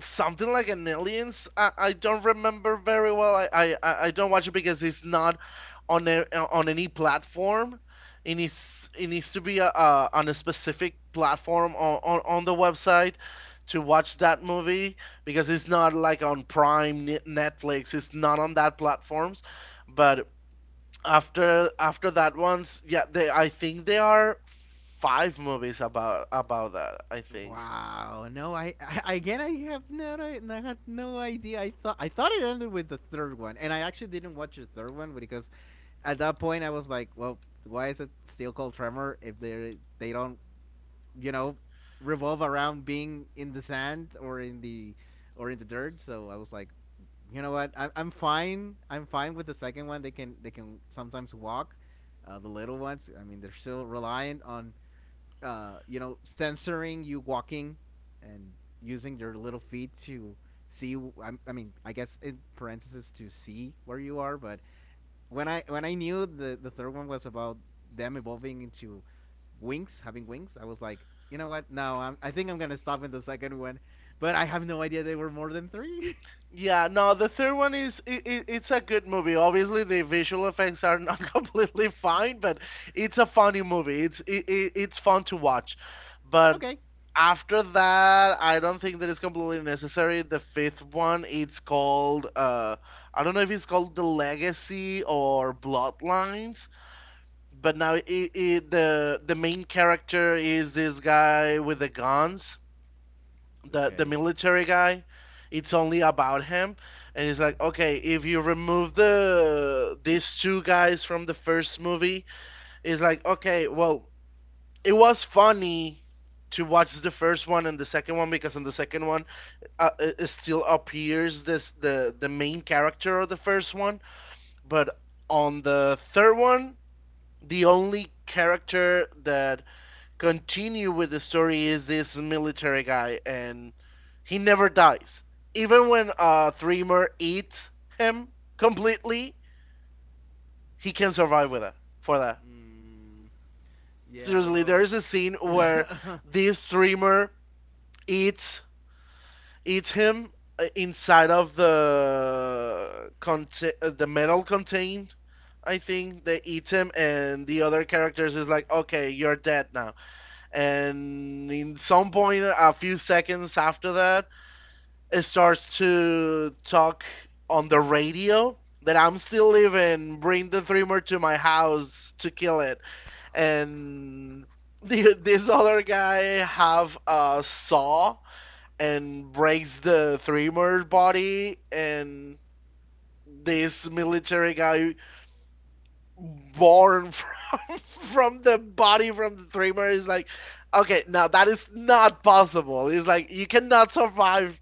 B: something like an aliens. I don't remember very well. I don't watch it because it's not on a, on any platform. It needs, it needs to be on a specific platform, on the website to watch that movie, because it's not like on Prime, Netflix, it's not on that platforms. But after, after that one's, yeah, they, I think there are five movies about that, I think.
A: Wow. No, I again, I had no idea. I thought it ended with the third one, and I actually didn't watch the third one because at that point I was like, well, why is it still called Tremor if they don't, you know, revolve around being in the sand or in the dirt. So I was like, you know what, I'm fine. I'm fine with the second one. They can sometimes walk. The little ones, I mean, they're still reliant on you know, censoring you walking and using their little feet to see. I mean, I guess in parentheses to see where you are, but when I knew the third one was about them evolving into wings, having wings, I was like, you know what? No, I'm, I think I'm gonna stop in the second one. But I have no idea they were more than three.
B: Yeah, no, the third one is, I it's a good movie. Obviously, the visual effects are not completely fine, but it's a funny movie. It's, I it's fun to watch. But
A: Okay.
B: after that, I don't think that it's completely necessary. The fifth one, it's called, I don't know if it's called The Legacy or Bloodlines, but now, I the main character is this guy with the guns, the
A: Okay.
B: military guy. It's only about him, and it's like, okay, if you remove the these two guys from the first movie, it's like, okay, well, it was funny to watch the first one and the second one, because in the second one, it it still appears this, the main character of the first one. But on the third one, the only character that continue with the story is this military guy, and he never dies. Even when Threemer eats him completely, he can survive with that. For that,
A: Mm, yeah,
B: seriously, there
A: well,
B: is a scene where this Threemer eats eats him inside of the the metal contained. I think they eat him, and the other characters is like, okay, you're dead now. And in some point, a few seconds after that, starts to talk on the radio that I'm still living, bring the Dreamer to my house to kill it. And the, this other guy have a saw and breaks the Dreamer body, and this military guy born from from the body from the dreamer, is like, okay, now that is not possible, it's like, you cannot survive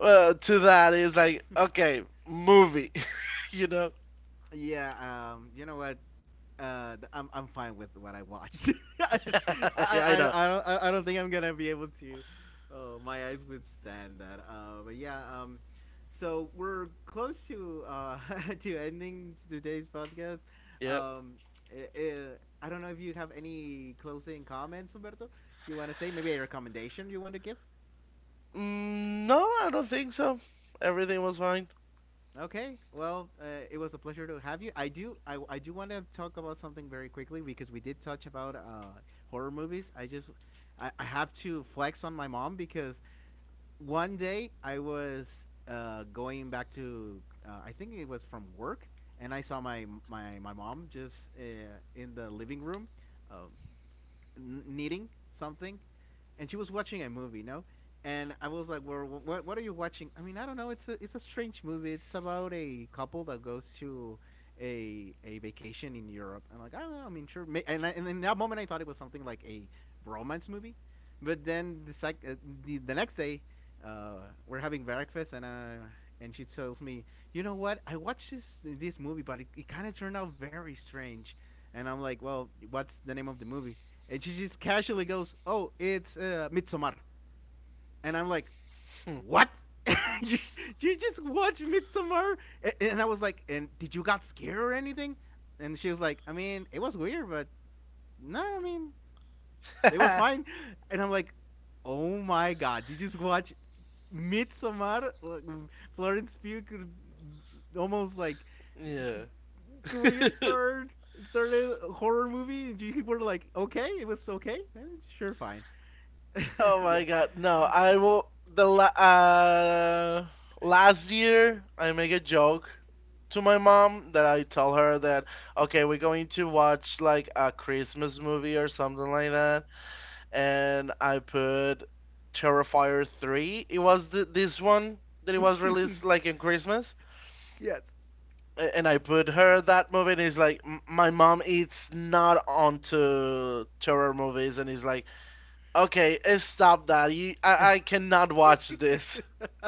B: to that. Is like, okay, movie, you know?
A: yeah. You know what? I'm fine with what I watched. I,
B: Yeah, I
A: I
B: know.
A: I don't I- I don't think I'm gonna be able to. Oh, my eyes withstand that. But yeah, so we're close to to ending today's podcast.
B: Yep.
A: Um, i- i- I don't know if you have any closing comments, Humberto. You want to say maybe a recommendation you want to give?
B: Mm, no, I don't think so. Everything was fine.
A: Okay, well, it was a pleasure to have you. I do want to talk about something very quickly because we did touch about horror movies. I have to flex on my mom because one day I was going back to, I think it was from work, and I saw my mom just in the living room, um, knitting something, and she was watching a movie, no? And I was like, "Well, what are you watching?" I mean, I don't know. It's a strange movie. It's about a couple that goes to a vacation in Europe. I'm like, I don't know. I mean, sure. And in that moment, I thought it was something like a romance movie. But then the next day, we're having breakfast, and she tells me, "You know what? I watched this movie, but it kind of turned out very strange." And I'm like, "Well, what's the name of the movie?" And she just casually goes, "Oh, it's Midsommar," and I'm like,
B: Hmm.
A: "What? you, you just watch Midsommar?" And I was like, "And did you got scared or anything?" And she was like, "I mean, it was weird, but no, I mean, it was fine." And I'm like, "Oh my god, you just watch Midsommar? Like, Florence Pugh could almost like
B: Yeah.
A: career start started a horror movie and you were like, okay, it was okay. Eh, sure, fine."
B: Oh my
A: Yeah.
B: god, no. I will. The last year, I make a joke to my mom that I tell her that, okay, we're going to watch like a Christmas movie or something like that, and I put Terrifier 3. It was this one that it was released like in Christmas.
A: Yes.
B: And I put her that movie, and it's like, my mom is not onto terror movies, and he's like, "Okay, eh, stop that! You, I cannot watch this."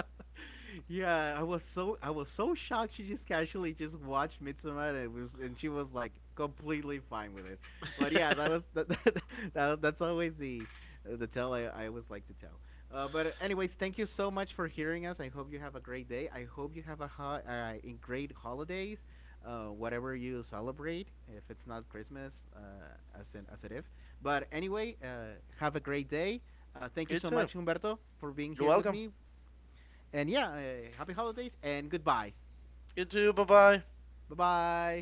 A: Yeah, I was so shocked. She just casually just watched Midsommar, and it was and she was like completely fine with it. But yeah, that was that, that, that's always the tell I always like to tell. But anyways, thank you so much for hearing us. I hope you have a great day. I hope you have a ho- in great holidays, whatever you celebrate. If it's not Christmas, as it if. But anyway, have a great day. Thank you
B: You
A: so
B: too.
A: much, Humberto, for being
B: You're
A: here with
B: welcome.
A: me. And yeah, happy holidays and goodbye.
B: You too. Bye bye.
A: Bye bye.